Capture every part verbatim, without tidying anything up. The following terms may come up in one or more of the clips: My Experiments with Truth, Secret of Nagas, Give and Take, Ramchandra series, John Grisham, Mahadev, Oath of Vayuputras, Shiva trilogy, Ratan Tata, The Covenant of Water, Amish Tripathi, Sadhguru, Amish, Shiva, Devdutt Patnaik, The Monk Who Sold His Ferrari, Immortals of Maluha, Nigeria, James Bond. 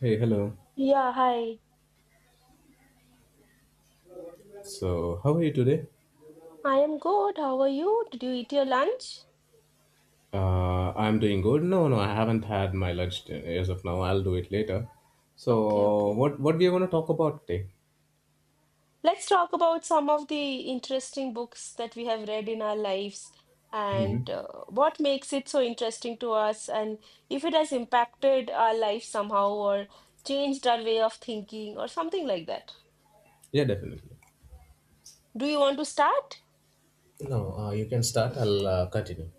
Hey, hello. Yeah, hi. So, how are you today? I am good. How are you? Did you eat your lunch? Uh, I'm doing good. No, no, I haven't had my lunch t- as of now. I'll do it later. Okay, So, okay. what what we are going to talk about today? Let's talk about some of the interesting books that we have read in our lives Hmm. and uh, what makes it so interesting to us, and if it has impacted our life somehow or changed our way of thinking or something like that. Yeah, definitely. Do you want to start? Continue.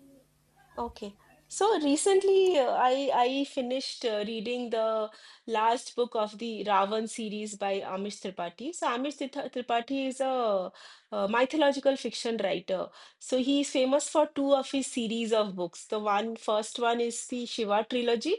Okay. So recently, uh, I I finished uh, reading the last book of the Ravan series by Amish Tripathi. So Amish Tritha- Tripathi is a, uh mythological fiction writer. So he is famous for two of his series of books. The one first one is the Shiva trilogy,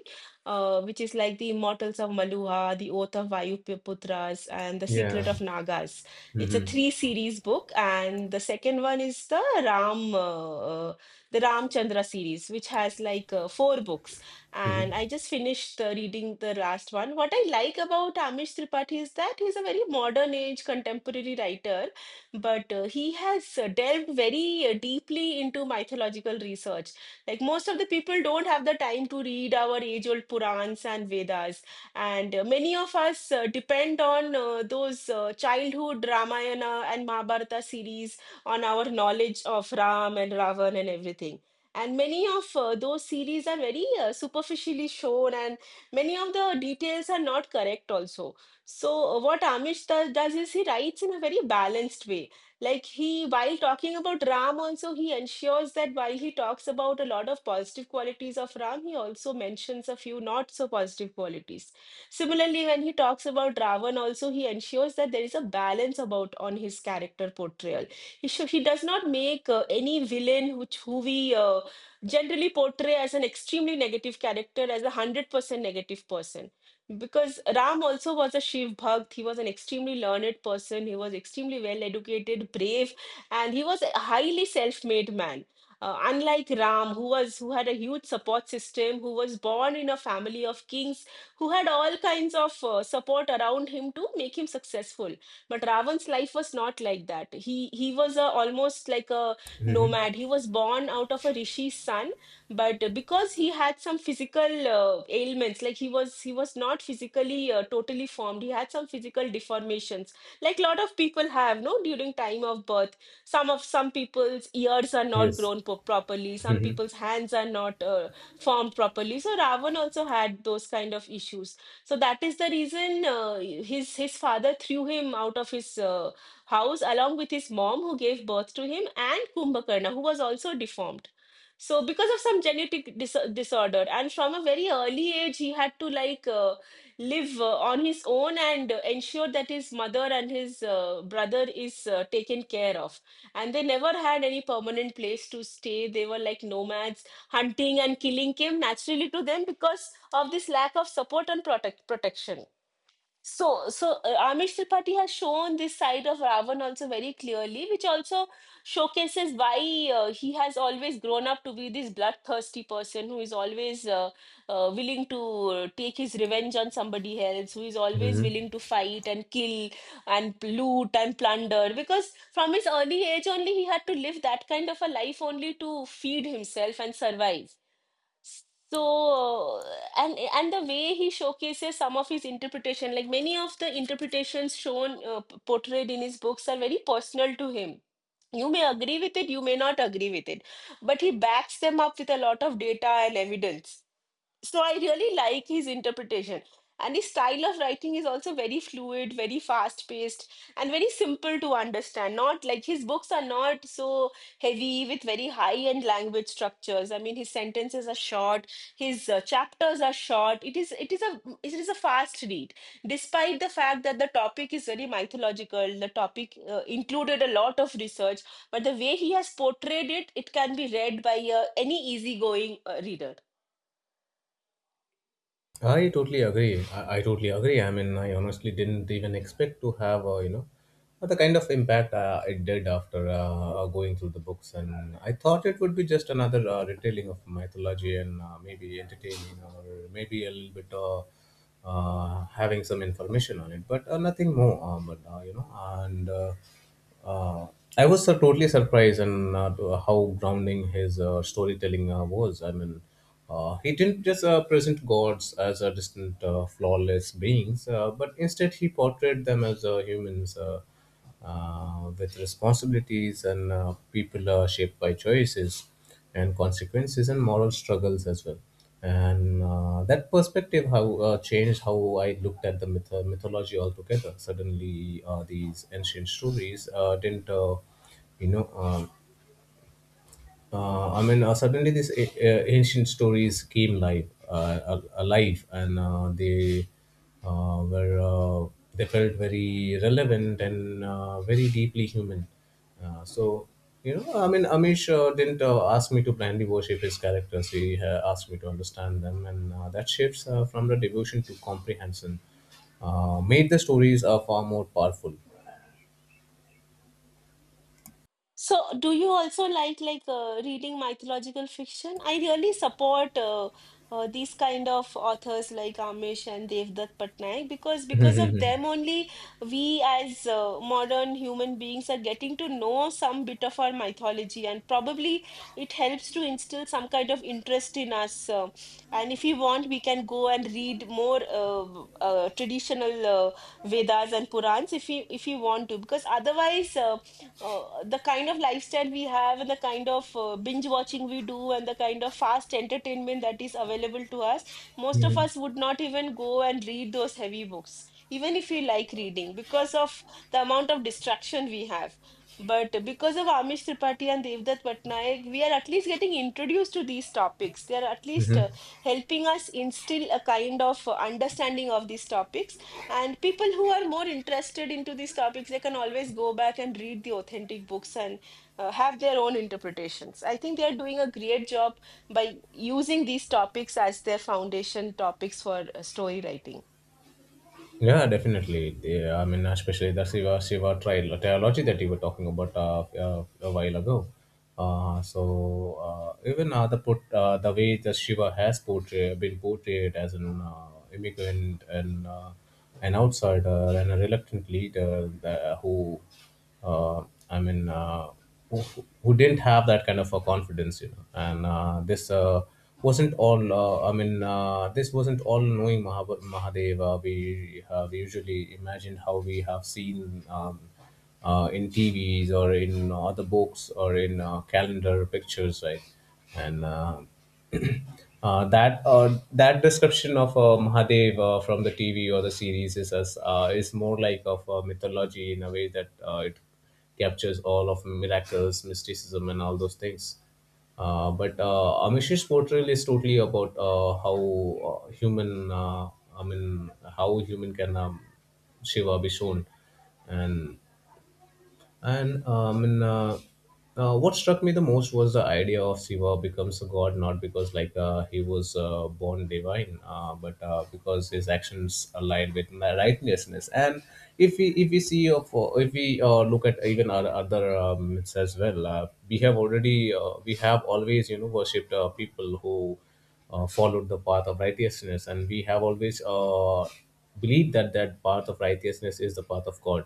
uh, which is like the Immortals of Maluha, the Oath of Vayuputras, and the Yeah. Secret of Nagas. It's a Mm-hmm. three series book, and the second one is the Ram. Uh, uh, the Ramchandra series, which has like uh, four books. And I Mm-hmm. just finished uh, reading the last one. What I like about Amish Tripathi is that he's a very modern age contemporary writer, but uh, he has uh, delved very uh, deeply into mythological research. Like most of the people don't have the time to read our age old Purans and Vedas. And uh, many of us uh, depend on uh, those uh, childhood Ramayana and Mahabharata series on our knowledge of Ram and Ravan and everything. And many of uh, those series are very uh, superficially shown, and many of the details are not correct, also. So, uh, what Amish do- does is he writes in a very balanced way. Like, he, while talking about Ram, also, he ensures that while he talks about a lot of positive qualities of Ram, he also mentions a few not so positive qualities. Similarly, when he talks about Ravan, also, he ensures that there is a balance about on his character portrayal. she, she does not make uh, any villain which who we uh, generally portray as an extremely negative character as a hundred percent negative person, because Ram also was a shiv bhakt. He was an extremely learned person, he was extremely well educated, brave, and he was a highly self-made man. Uh, unlike Ram, who was who had a huge support system, who was born in a family of kings, who had all kinds of uh, support around him to make him successful. But Ravan's life was not like that. He he was a, almost like a Mm-hmm. nomad. He was born out of a rishi's son, but because he had some physical uh, ailments. Like he was he was not physically uh, totally formed, he had some physical deformations, like lot of people have no during time of birth. Some of some people's ears are not Yes. grown po- properly, some people's hands are not uh, formed properly. So Ravan also had those kind of issues. So that is the reason uh, his his father threw him out of his uh, house, along with his mom who gave birth to him and Kumbhakarna, who was also deformed. So because of some genetic dis disorder, and from a very early age, he had to like uh, live uh, on his own and uh, ensure that his mother and his uh, brother is uh, taken care of. And they never had any permanent place to stay. They were like nomads. Hunting and killing came naturally to them because of this lack of support and protect protection. So, so uh, Amish Tripathi has shown this side of Ravan also very clearly, which also showcases why uh, he has always grown up to be this bloodthirsty person, who is always uh, uh, willing to uh, take his revenge on somebody else, who is always Mm-hmm. willing to fight and kill and loot and plunder. Because from his early age only, he had to live that kind of a life only to feed himself and survive. So and and the way he showcases some of his interpretation, like many of the interpretations shown uh, p- portrayed in his books are very personal to him. You may agree with it, you may not agree with it, but he backs them up with a lot of data and evidence, so I really like his interpretation. And his style of writing is also very fluid, very fast paced, and very simple to understand. Not like, his books are not so heavy with very high end language structures. I mean, his sentences are short, his uh, chapters are short. It is it is a it is a fast read, despite the fact that the topic is very mythological. The topic uh, included a lot of research, but the way he has portrayed it, it can be read by uh, any easygoing uh, reader. 好 I totally agree. I, I totally agree. I mean, I honestly didn't even expect to have, uh, you know, uh, the kind of impact uh, it did after uh, uh, going through the books. And I thought it would be just another uh, retelling of mythology, and uh, maybe entertaining, or maybe a little bit uh, uh, having some information on it, but uh, nothing more. Uh, but, uh, you know, and uh, uh, I was uh, totally surprised, and uh, to- how grounding his uh, storytelling uh, was. I mean, uh, he didn't just uh, present gods as a distant, uh, flawless beings, uh, but instead he portrayed them as uh, humans uh, uh, with responsibilities, and uh, people are shaped by choices and consequences and moral struggles as well. And uh, that perspective how uh, changed how I looked at the myth- uh, mythology altogether. Suddenly, uh, these ancient stories uh, didn't, uh, you know. Um, uh, I mean, uh, suddenly these a- a- ancient stories came live, uh, al- alive, and uh, they uh, were uh, they felt very relevant and uh, very deeply human. Uh, so you know, I mean, Amish uh, didn't uh, ask me to blindly worship his characters. He uh, asked me to understand them, and uh, that shifts uh, from the devotion to comprehension uh, made the stories uh, far more powerful. So, do you also like like uh, reading mythological fiction? I really support uh, uh, these kind of authors like Amish and Devdutt Patnaik, because because of them only we as uh, modern human beings are getting to know some bit of our mythology, and probably it helps to instill some kind of interest in us. Uh, and if we want, we can go and read more uh, uh, traditional uh, Vedas and Purans, if we if we want to, because otherwise Uh, uh, the kind of lifestyle we have, and the kind of uh, binge watching we do, and the kind of fast entertainment that is available to us, most of us would not even go and read those heavy books, even if we like reading, because of the amount of distraction we have. But because of Amish Tripathi and Devdutt Patnaik, we are at least getting introduced to these topics. They are at least uh, helping us instill a kind of uh, understanding of these topics, and people who are more interested into these topics, they can always go back and read the authentic books and uh, have their own interpretations. I think they are doing a great job by using these topics as their foundation topics for uh, story writing. Yeah, definitely. Yeah, I mean, especially the Shiva Shiva tri- trilogy that you were talking about uh, uh, a while ago. Uh, so uh, even uh, the put uh, the way the Shiva has portrayed been portrayed as an uh, immigrant and uh, an outsider and a reluctant leader that, who, uh, I mean. Uh, who, who didn't have that kind of a confidence, you know, and uh, this uh, wasn't all uh, I mean uh, this wasn't all knowing Mahav- Mahadeva we have usually imagined how we have seen um, uh, in TVs or in other books or in uh, calendar pictures, right? And uh, uh, that uh, that description of uh, Mahadev uh, from the T V or the series is as uh, is more like of a mythology in a way that uh, it captures all of miracles, mysticism, and all those things. Uh, but uh, Amish's portrayal is totally about uh, how uh, human, uh, I mean, how human can um, Shiva be shown, and and um, and, uh, uh, what struck me the most was the idea of Shiva becomes a god not because like uh, he was uh, born divine, uh, but uh, because his actions aligned with ma- righteousness. And if we if we see of uh, if we uh, look at even our other um, myths as well, uh, we have already uh, we have always, you know, worshipped uh, people who uh, followed the path of righteousness, and we have always uh, believed that that path of righteousness is the path of God,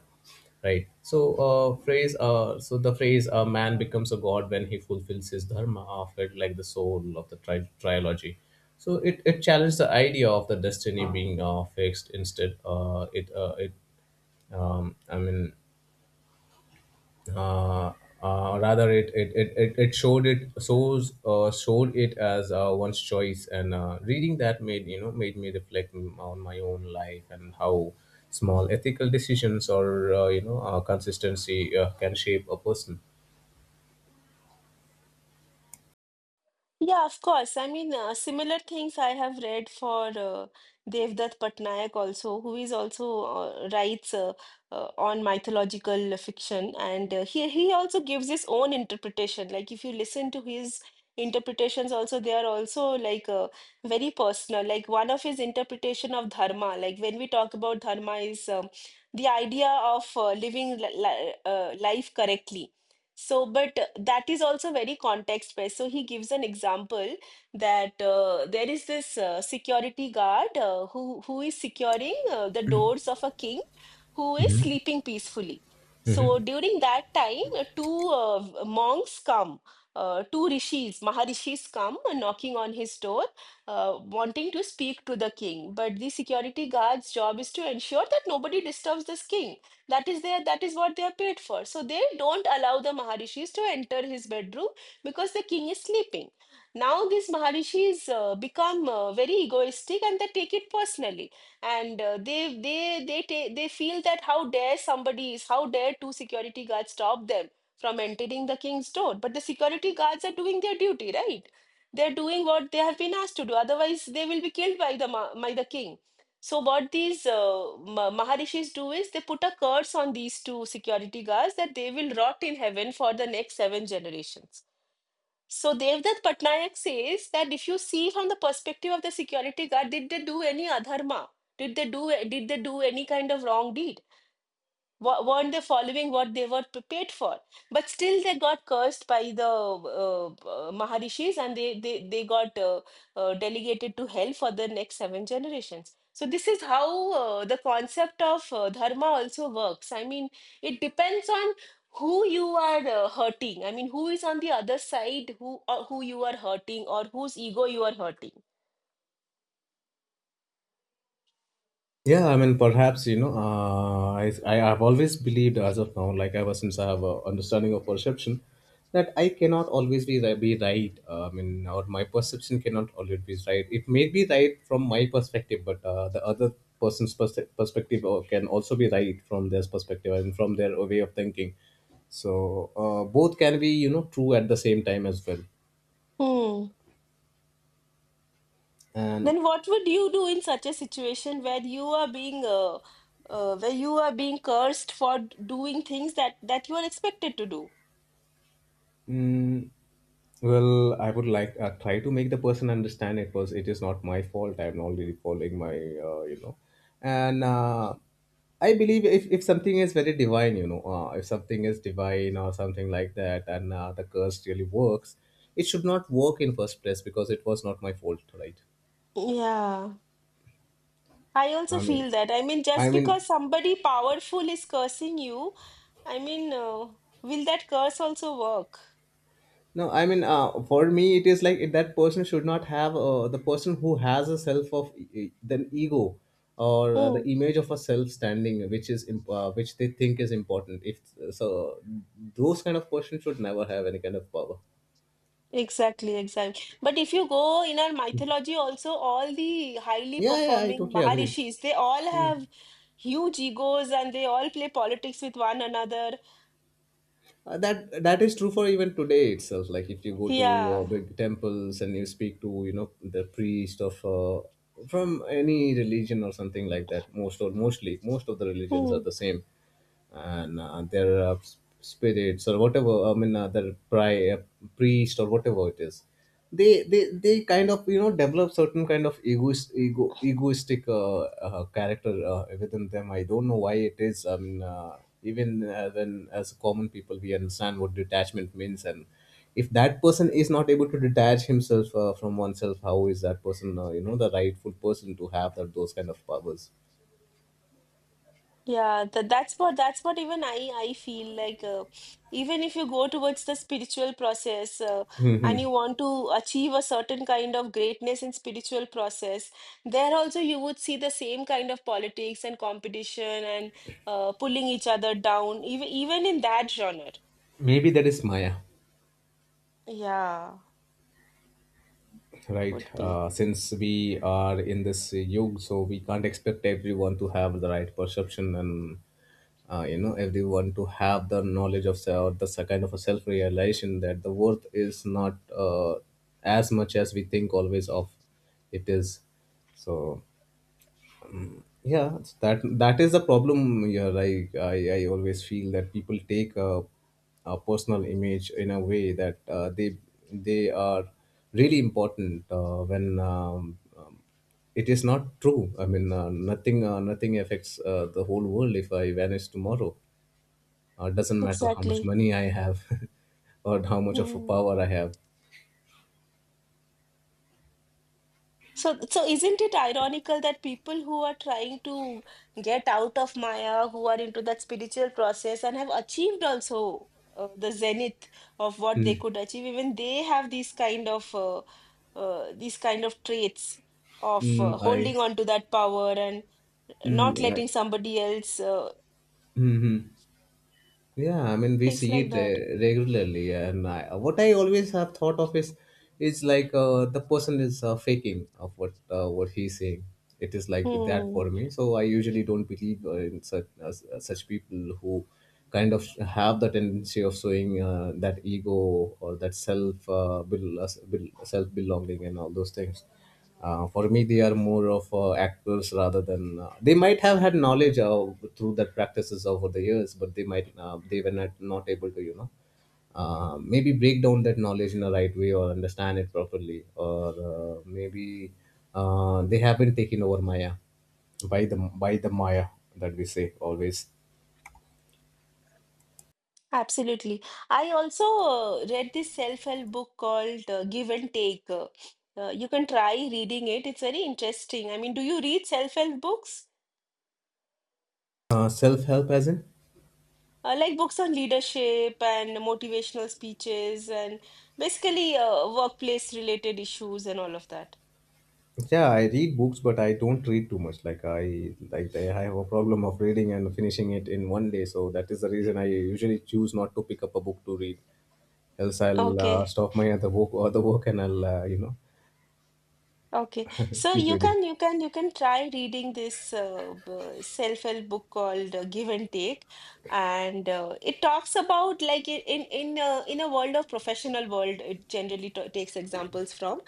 right? So uh, phrase uh, so the phrase, a man becomes a god when he fulfills his dharma, after like the soul of the tri- trilogy. So it, it challenged the idea of the destiny being uh, fixed. Instead, uh, it uh, it um, I mean uh, uh, rather it it, it, it it showed it shows uh, showed it as uh, one's choice. And uh, reading that made, you know, made me reflect m- on my own life and how small ethical decisions or uh, you know uh, consistency uh, can shape a person. Yeah, of course. I mean, uh, similar things I have read for uh, Devdutt Patnaik also, who is also uh, writes uh, uh, on mythological fiction, and uh, he he also gives his own interpretation. Like if you listen to his interpretations, also, they are also like uh, very personal. Like one of his interpretation of dharma, like when we talk about dharma, is um, the idea of uh, living li li- uh, life correctly. So, but uh, that is also very context based. So, he gives an example that uh, there is this uh, security guard uh, who, who is securing uh, the doors of a king who is Mhm. sleeping peacefully. So, Mhm. during that time, uh, two uh, v- monks come, uh, two rishis, Maharishis, come uh, knocking on his door, uh, wanting to speak to the king. But the security guard's job is to ensure that nobody disturbs this king. That is their that is what they are paid for, so they don't allow the Maharishis to enter his bedroom because the king is sleeping. Now these Maharishis uh, become uh, very egoistic and they take it personally. And uh, they they they ta- they feel that how dare somebody is, how dare two security guards stop them from entering the king's door. But the security guards are doing their duty, right? They're doing what they have been asked to do, otherwise they will be killed by the ma- by the king. So what these uh, ma- Maharishis do is they put a curse on these two security guards, that they will rot in heaven for the next seven generations. So Devdutt Patnaik says that if you see from the perspective of the security guard, did they do any adharma? Did they do did they do any kind of wrong deed? Weren't they following what they were prepared for? But still, they got cursed by the uh, uh, Maharishis, and they, they, they got uh, uh, delegated to hell for the next seven generations. So, this is how uh, the concept of uh, dharma also works. I mean, it depends on who you are uh, hurting. I mean, who is on the other side, who, or who you are hurting, or whose ego you are hurting. Yeah, I mean, perhaps, you know, uh, I I have always believed as of now, like ever since I have a understanding of perception, that I cannot always be ri- be right. Uh, I mean, or my perception cannot always be right. It may be right from my perspective, but uh, the other person's pers- perspective uh, can also be right from their perspective and from their way of thinking. So uh, both can be, you know true at the same time as well, Hmm. and. Then what would you do in such a situation where you are being uh, uh, where you are being cursed for d- doing things that that you are expected to do? Mm. Well, I would like uh, try to make the person understand, it was, it is not my fault. I'm already following my, uh, you know, and uh, I believe, if, if something is very divine, you know, uh, if something is divine or something like that, and uh, the curse really works, it should not work in first place because it was not my fault, right? Yeah, I also I mean, feel that. I mean, I just mean, because somebody powerful is cursing you, I mean, uh, will that curse also work? no, I mean, uh, for me, it is like that person should not have uh, the person who has a self of e- the ego or uh, the Hmm. image of a self standing, which is imp- uh, which they think is important. If so, those kind of person should never have any kind of power. Exactly, exactly. But if you go in our mythology, also, all the highly Yeah, yeah, I performing totally agree. Maharishis, they all Hmm. have huge egos and they all play politics with one another. Uh, that that is true for even today itself. Like if you go to uh, Yeah. big temples and you speak to, you know, the priest of uh, from any religion or something like that, most or mostly most of the religions are Hmm. the same, and uh, their uh, s- spirits or whatever, I mean, uh, their pri- uh, priest or whatever it is, they they they kind of, you know, develop certain kind of egoist ego egoistic uh, uh, character uh, within them. I don't know why it is. I mean, uh, even uh, when as common people we understand what detachment means, and if that person is not able to detach himself uh, from oneself, how is that person uh, you know, the rightful person to have that, those kind of powers? Yeah, that that's what that's what even I I feel like uh, even if you go towards the spiritual process, uh, and Mhm. you want to achieve a certain kind of greatness in spiritual process, there also you would see the same kind of politics and competition and uh, pulling each other down even even in that genre. Maybe that is maya, Yeah, right? could be. Uh, since we are in this yug, so we can't expect everyone to have the right perception and uh, you know, everyone to have the knowledge of se- or the se- kind of a self realization that the worth is not uh, as much as we think always of. It is. So yeah, it's that, that is the problem. Yeah, like i i always feel that people take a, a personal image in a way that uh, they they are really important, uh, when um, um, it is not true. I mean, uh, nothing uh, nothing affects uh, the whole world if I vanish tomorrow. Uh, doesn't matter how much Exactly. money I have, or how much of a Hmm. power I have. So, so isn't it ironical that people who are trying to get out of Maya, who are into that spiritual process and have achieved also uh, the zenith of what they Mm, could achieve, even they have these kind of uh, uh, these kind of traits of mm, uh, i holding on to that power and mm, not I letting somebody else uh, Mhm. Yeah, I mean we things see like it that. uh, regularly, and I, what I always have thought of is, is like uh, the person is uh, faking of what uh, what he's saying. It is like that Hmm. for me. So I usually don't believe uh, in such uh, such people who kind of have the tendency of showing uh, that ego or that self uh, bel- uh, self belonging and all those things. Uh, for me, they are more of uh, actors, rather than uh, they might have had knowledge uh, through that practices over the years, but they might uh, they were not, not able to, you know, uh, maybe break down that knowledge in the right way, or understand it properly, or uh, maybe uh, they have been taken over maya by the by the maya that we say always. Absolutely. I also uh, read this self-help book called uh, Give and Take. Uh, uh, you can try reading it. It's very interesting. I mean, do you read self-help books? Uh, self-help as in? Uh, like books on leadership and motivational speeches and basically uh, workplace related issues and all of that. Yeah, I read books, but I don't read too much. Like I, like I have a problem of reading and finishing it in one day, so that is the reason I usually choose not to pick up a book to read. Else, I'll uh, Okay. stop my other work, other work, and I'll uh, you know Okay, so keep you reading. can you can you can try reading this uh, b- self-help book called uh, Give and Take, and uh, it talks about like i- in in uh, in a world of professional world, it generally t takes examples from.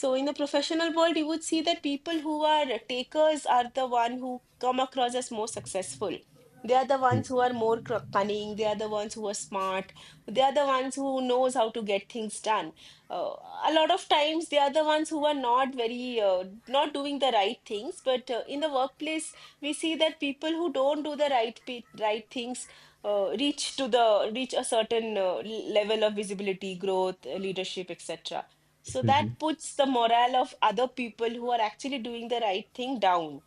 So in the professional world, you would see that people who are takers are the one who come across as more successful. They are the ones who are more cr- cunning. They are the ones who are smart. They are the ones who knows how to get things done, uh, a lot of times they are the ones who are not very uh, not doing the right things but uh, in the workplace we see that people who don't do the right pe- right things uh, reach to the reach a certain uh, l- level of visibility growth, uh, leadership etc. So that puts the morale of other people who are actually doing the right thing down.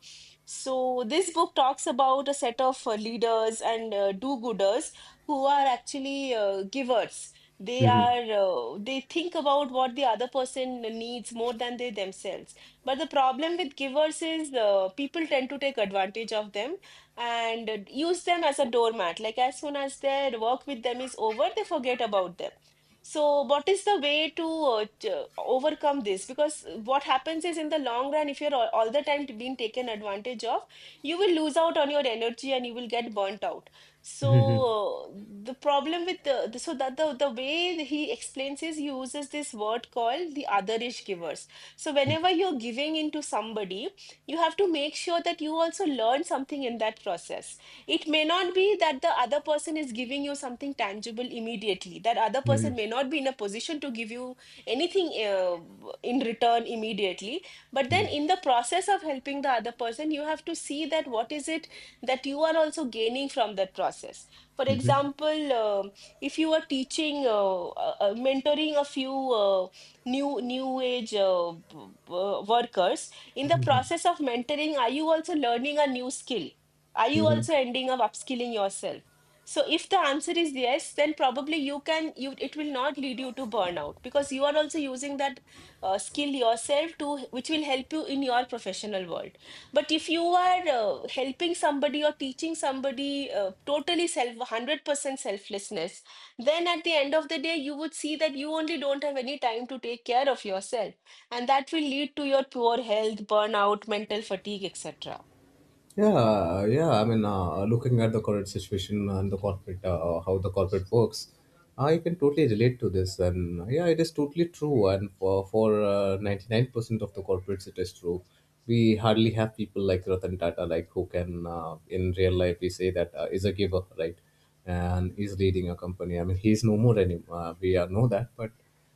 So this book talks about a set of uh, leaders and uh, do-gooders who are actually uh, givers. They Hmm. are uh, they think about what the other person needs more than they themselves. But the problem with givers is uh, people tend to take advantage of them and uh, use them as a doormat. Like as soon as their work with them is over they forget about them. So what is the way to uh, t- uh, overcome this? Because what happens is in the long run if you're all, all the time being taken advantage of, you will lose out on your energy and you will get burnt out. So uh, the problem with the the- so that the the way he explains is he uses this word called the otherish givers. So whenever you're giving into somebody, you have to make sure that you also learn something in that process. It may not be that the other person is giving you something tangible immediately. That other person may not be in a position to give you anything uh, in return immediately. But then in the process of helping the other person, you have to see that what is it that you are also gaining from that process. For Hmm. example, um if you are teaching, uh, uh, uh, mentoring a few uh, new new age uh, b- b- workers, in the process of mentoring, are you also learning a new skill? Are Hmm. you Hmm. also ending up upskilling yourself? So if the answer is yes, then probably you can you it will not lead you to burnout because you are also using that uh, skill yourself to which will help you in your professional world. But if you are uh, helping somebody or teaching somebody uh, totally self, one hundred percent selflessness, then at the end of the day, you would see that you only don't have any time to take care of yourself. And that will lead to your poor health, burnout, mental fatigue, et cetera. Yeah, yeah. I mean, uh, looking at the current situation and the corporate, uh, how the corporate works, I can totally relate to this. And uh, yeah, it is totally true. And for for uh, ninety-nine percent of the corporates, it is true. We hardly have people like Ratan Tata, like who can, uh, in real life, we say that uh, is a giver, right? And is leading a company. I mean, he's no more anymore. Uh, we uh, know that, but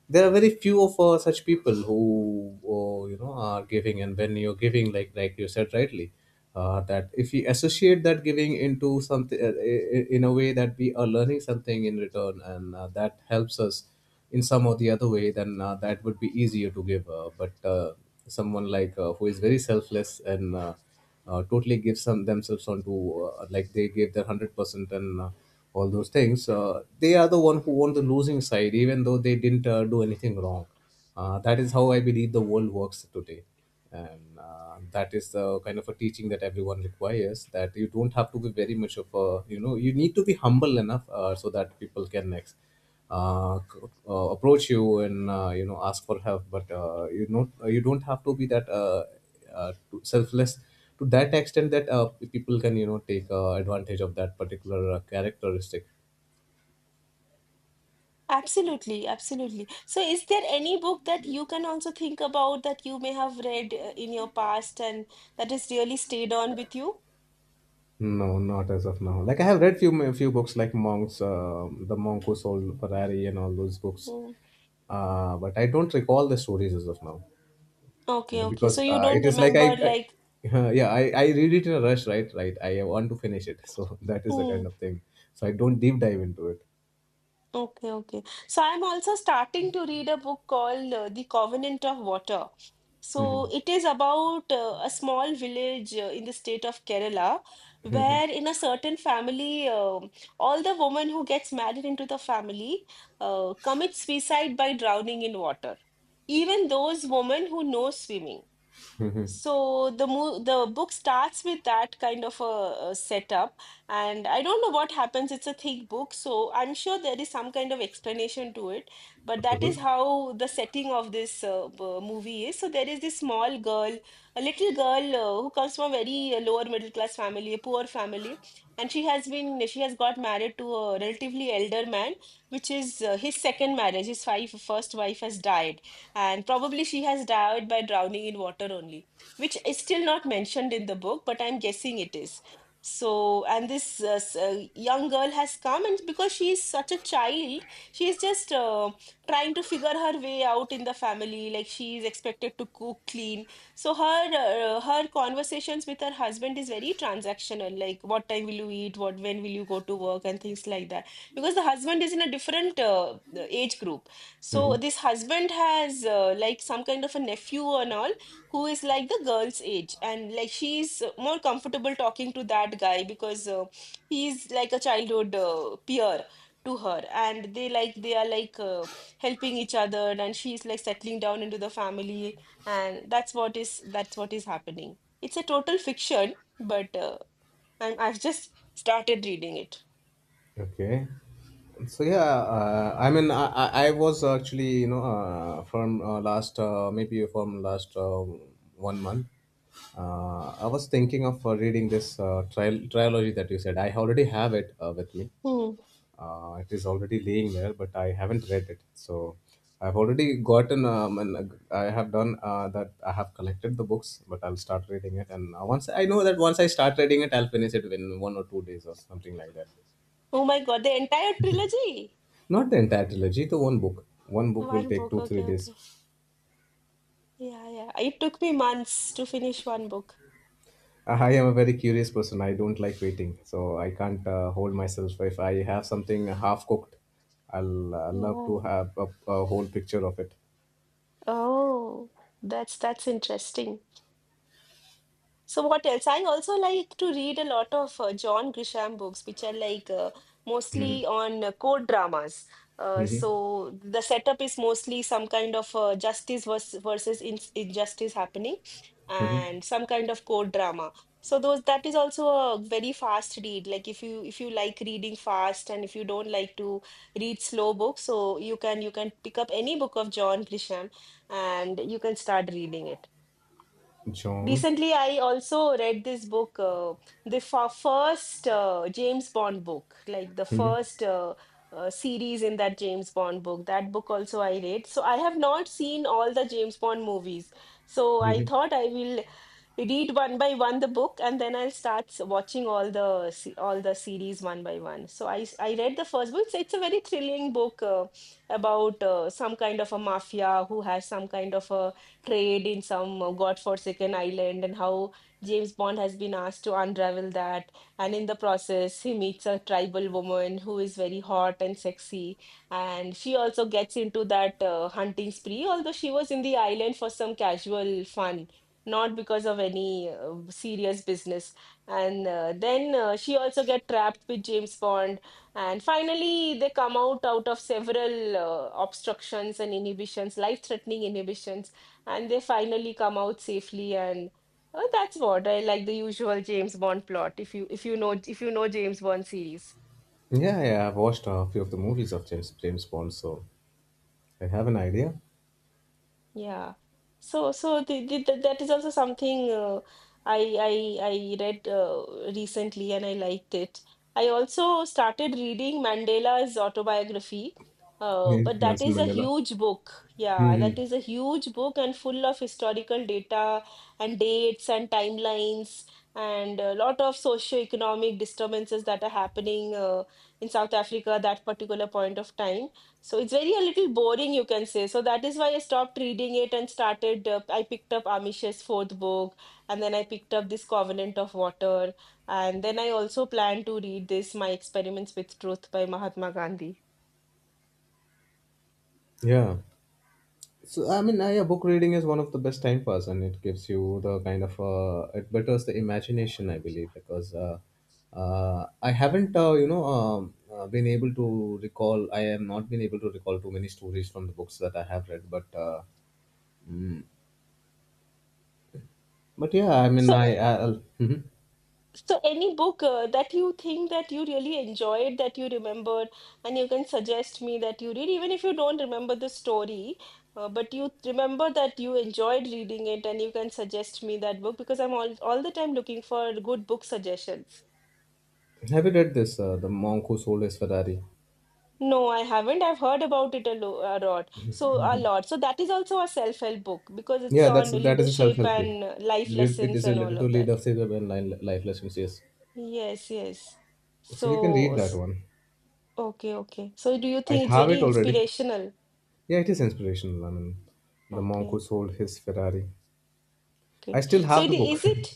there are very few of uh, such people who uh, you know are giving, and when you're giving, like like you said rightly, uh, that if we associate that giving into something, uh, i- i- in a way that we are learning something in return, and uh, that helps us in some or the other way, then uh, that would be easier to give, uh, but uh, someone like uh, who is very selfless, and uh, uh, totally give some themselves onto, uh, like they gave their one hundred percent, and uh, all those things, uh, they are the one who won the losing side, even though they didn't uh, do anything wrong. Uh, that is how I believe the world works today. And uh, that is the kind of a teaching that everyone requires, that you don't have to be very much of a, you know, you need to be humble enough uh, so that people can next uh, c- uh, approach you and, uh, you know, ask for help, but, uh, you know, you don't have to be that uh, uh, to- selfless to that extent that uh, people can, you know, take uh, advantage of that particular uh, characteristic. Absolutely, absolutely. So, is there any book that you can also think about that you may have read uh, in your past and that has really stayed on with you? No, not as of now. Like I have read few few books, like monks, uh, The Monk Who Sold Ferrari and all those books, Hmm. uh, but I don't recall the stories as of now, Okay, okay. So, because you uh, don't it is like I, remember like, I yeah, I, I read it in a rush, right right, I want to finish it so that is the hmm. kind of thing, so I don't deep dive into it. Okay, okay. So I'm also starting to read a book called uh, The Covenant of Water. Hmm. So it is about uh, a small village uh, in the state of Kerala, where in a certain family, um all the women who gets married into the family uh, commit suicide by drowning in water. Even those women who know swimming. So the mo the book starts with that kind of a, a setup, and I don't know what happens. It's a thick book, so I'm sure there is some kind of explanation to it. But that is how the setting of this uh, b- movie is. So there is this small girl, a little girl uh, who comes from a very uh, lower middle class family, a poor family, and she has been she has got married to a relatively elder man, which is uh, his second marriage. His wife, first wife has died, and probably she has died by drowning in water only, which is still not mentioned in the book, but I'm guessing it is. So, and this uh, s- uh, young girl has come, and because she is such a child, she is just uh, trying to figure her way out in the family. Like she is expected to cook, clean. So her uh, her conversations with her husband is very transactional. Like what time will you eat? What when will you go to work? And things like that. Because the husband is in a different uh, age group. Hmm. So this husband has uh, like some kind of a nephew and all who is like the girl's age, and like she's uh, more comfortable talking to that guy because uh, he's like a childhood uh, peer to her, and they like they are like uh, helping each other and she's like settling down into the family and that's what is that's what is happening. It's a total fiction but uh, I'm, I've just started reading it. Okay, so yeah, uh, I mean, I, I I was actually, you know, uh, from uh, last uh, maybe from last uh, one month, uh, I was thinking of uh, reading this uh, trial trilogy that you said. I already have it uh, with me. Hmm. Uh, it is already laying there, but I haven't read it. So I've already gotten, um, and I have done uh, that. I have collected the books, but I'll start reading it. And uh, once I know that, once I start reading it, I'll finish it in one or two days or something like that. Oh my god, the entire trilogy? Not the entire trilogy, the one book. One book will One take book, two, three okay, days. okay. Yeah, yeah, it took me months to finish one book. I am a very curious person. I don't like waiting, so I can't uh, hold myself. If I have something half cooked, I'll uh, love to Yeah. have a, a whole picture of it. Oh, that's that's interesting. So what else? I also like to read a lot of uh, John Grisham books, which are like uh, Hmm. mostly on uh, court dramas. Uh, hmm. So the setup is mostly some kind of uh, justice vers- versus in- injustice happening, Hmm. and some kind of court drama. So those that is also a very fast read. Like if you if you like reading fast and if you don't like to read slow books, so you can you can pick up any book of John Grisham and you can start reading it. John. Recently, I also read this book, uh, the fir- first uh, James Bond book, like the Mhm. first uh, uh, series in that James Bond book. That book also I read. So I have not seen all the James Bond movies. So I Mhm. thought I will read one by one the book and then I'll start s- watching all the se- all the series one by one. So I s- I read the first book. It's, it's a very thrilling book uh, about uh, some kind of a mafia who has some kind of a trade in some uh, godforsaken island and how James Bond has been asked to unravel that. And in the process, he meets a tribal woman who is very hot and sexy. And she also gets into that uh, hunting spree, although she was in the island for some casual fun, not because of any uh, serious business. And uh, then uh, she also get trapped with James Bond. And finally, they come out out of several uh, obstructions and inhibitions, life-threatening inhibitions, and they finally come out safely. And uh, that's what I like, the usual James Bond plot. If you if you know if you know James Bond series. Yeah, yeah, I've watched a few of the movies of James James Bond, so I have an idea. Yeah. So so the, the, the- that is also something uh, I I I read uh, recently and I liked it. I also started reading Mandela's autobiography, uh, Yeah, but that Nelson is a Mandela. huge book. Yeah, that Mhm. is a huge book and full of historical data and dates and timelines and a lot of socio-economic disturbances that are happening uh, in South Africa at that particular point of time. So it's very a little boring, you can say. So that is why I stopped reading it and started. Uh, I picked up Amish's fourth book, and then I picked up this Covenant of Water, and then I also plan to read this My Experiments with Truth by Mahatma Gandhi. Yeah. So I mean, I, yeah, book reading is one of the best time pass, and it gives you the kind of, uh, it betters the imagination, I believe, because uh, uh, I haven't, uh, you know um, uh, been able to recall. I have not been able to recall too many stories from the books that I have read, but uh, mm, but yeah, I mean, I So I'll, Mhm. so, any book uh, that you think that you really enjoyed, that you remembered, and you can suggest me that you read, even if you don't remember the story, uh, but you remember that you enjoyed reading it, and you can suggest me that book because I'm all all the time looking for good book suggestions. Have you read this, uh, The Monk Who Sold His Ferrari? No, I haven't. I've heard about it a, lo a lot. So, a lot. So, that is also a self-help book because it's Yeah, that's on that is a leadership self-help book. and uh, life It it lessons is and all related to of that. leadership and li- life lessons. Yes, Yes, yes. so you can So. read that s- one. Okay, okay. So do you I think it's have very it already. inspirational? Yeah, it is inspirational. I mean, The Monk Who Okay, Sold His Ferrari. I okay. still So have it the book. is it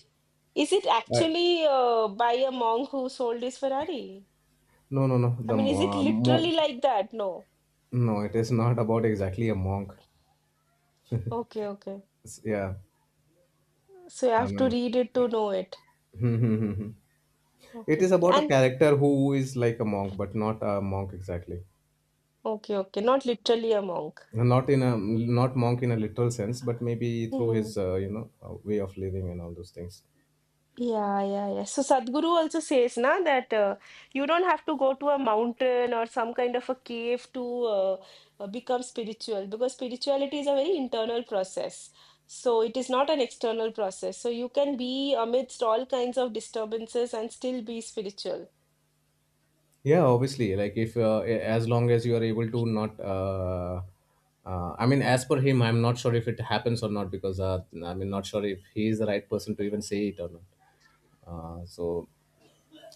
is it I, actually uh, by a monk who sold his Ferrari? no, no, no. I The mean, is it mo- uh, mo- literally like that? No. No, it is not about exactly a monk. Okay, okay. It's- yeah, So you I have to mean, read it to know it. it Okay, is okay. about a And character who is like a monk, but not a monk exactly. okay, okay. Not literally a monk. Not in a not monk in a literal sense, but maybe through his Hmm. uh, you know uh, way of living and all those things. Yeah, yeah, yeah. So Sadhguru also says na that uh, you don't have to go to a mountain or some kind of a cave to uh, uh, become spiritual because spirituality is a very internal process. So it is not an external process. So you can be amidst all kinds of disturbances and still be spiritual. Yeah, obviously, like if uh, a- as long as you are able to not, uh, uh, I mean, as per him, I'm not sure if it happens or not, because uh, I mean, not sure if he is the right person to even say it or not. Uh, so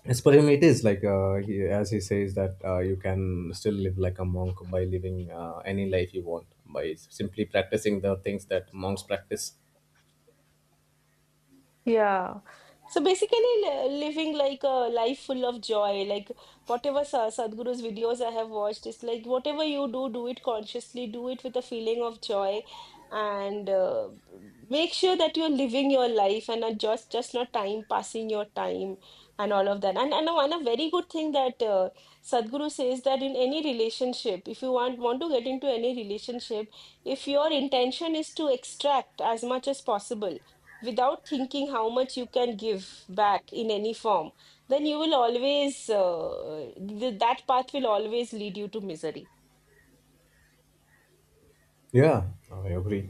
as per him, it is like, uh, he, as he says that uh, you can still live like a monk by living uh, any life you want by simply practicing the things that monks practice. Yeah. So basically, li- living like a life full of joy, like whatever Sa Sadhguru's videos I have watched, it's like whatever you do, do it consciously, do it with a feeling of joy, and uh, make sure that you're living your life and not just just not time passing your time and all of that. And and one a very good thing that uh, Sadhguru says that in any relationship, if you want want to get into any relationship, if your intention is to extract as much as possible without thinking how much you can give back in any form, then you will always, uh, th- that path will always lead you to misery. Yeah, I agree.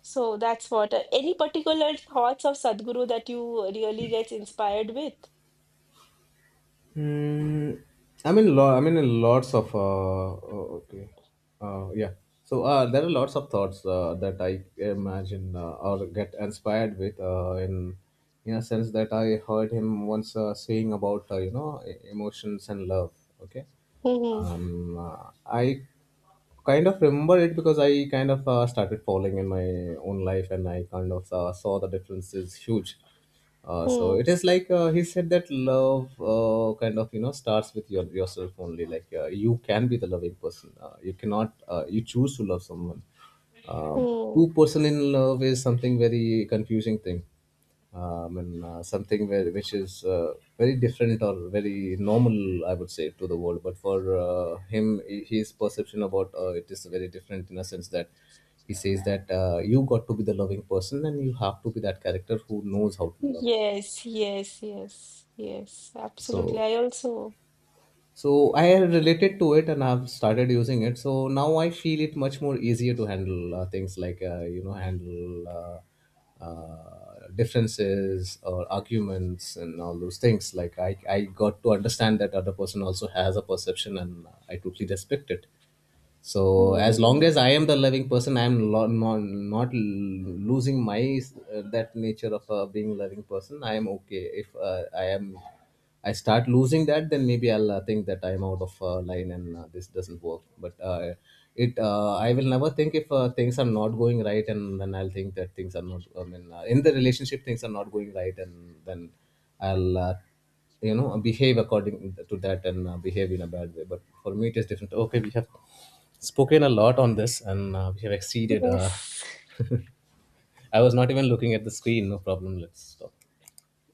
So that's what, uh, any particular thoughts of Sadhguru that you really gets inspired with? Mm, I mean, lo- I mean, uh, lots of, uh, oh, okay, uh, yeah. So uh, there are lots of thoughts uh, that I imagine uh, or get inspired with, uh, in in a sense that I heard him once uh, saying about, uh, you know e- emotions and love. Okay, Hmm. um, uh, I kind of remember it because I kind of uh, started falling in my own life, and I kind of uh, saw the difference is huge. Uh, so Hmm. it is like, uh, he said that love, uh, kind of, you know, starts with your yourself only. Like uh, you can be the loving person. Uh, you cannot. Uh, you choose to love someone. Uh, Hmm. Two person in love is something very confusing thing. Um, and uh, Something where, which is uh, very different or very normal, I would say, to the world. But for uh, him, i- his perception about uh, it is very different, in a sense that he says that uh, you got to be the loving person, and you have to be that character who knows how to love. Yes, yes, yes, yes, absolutely. So, I also. so I have related to it, and I've started using it. So now I feel it much more easier to handle uh, things, like, uh, you know handle uh, uh, differences or arguments and all those things. Like I, I got to understand that other person also has a perception, and I totally respect it. So as Hmm. long as I am the loving person, I am lo- not, not losing my, uh, that nature of uh, being loving person. I am okay. If uh, i am I start losing that, then maybe I'll uh, think that I'm out of uh, line and uh, this doesn't work. But uh, it uh, I will never think if uh, things are not going right, and then I'll think that things are not, I mean, uh, in the relationship things are not going right, and then I'll, uh, you know behave according to that, and uh, behave in a bad way. But for me it is different. Okay, we have spoken a lot on this, and uh, we have exceeded. uh, Yes. I was not even looking at the screen. No problem, let's stop.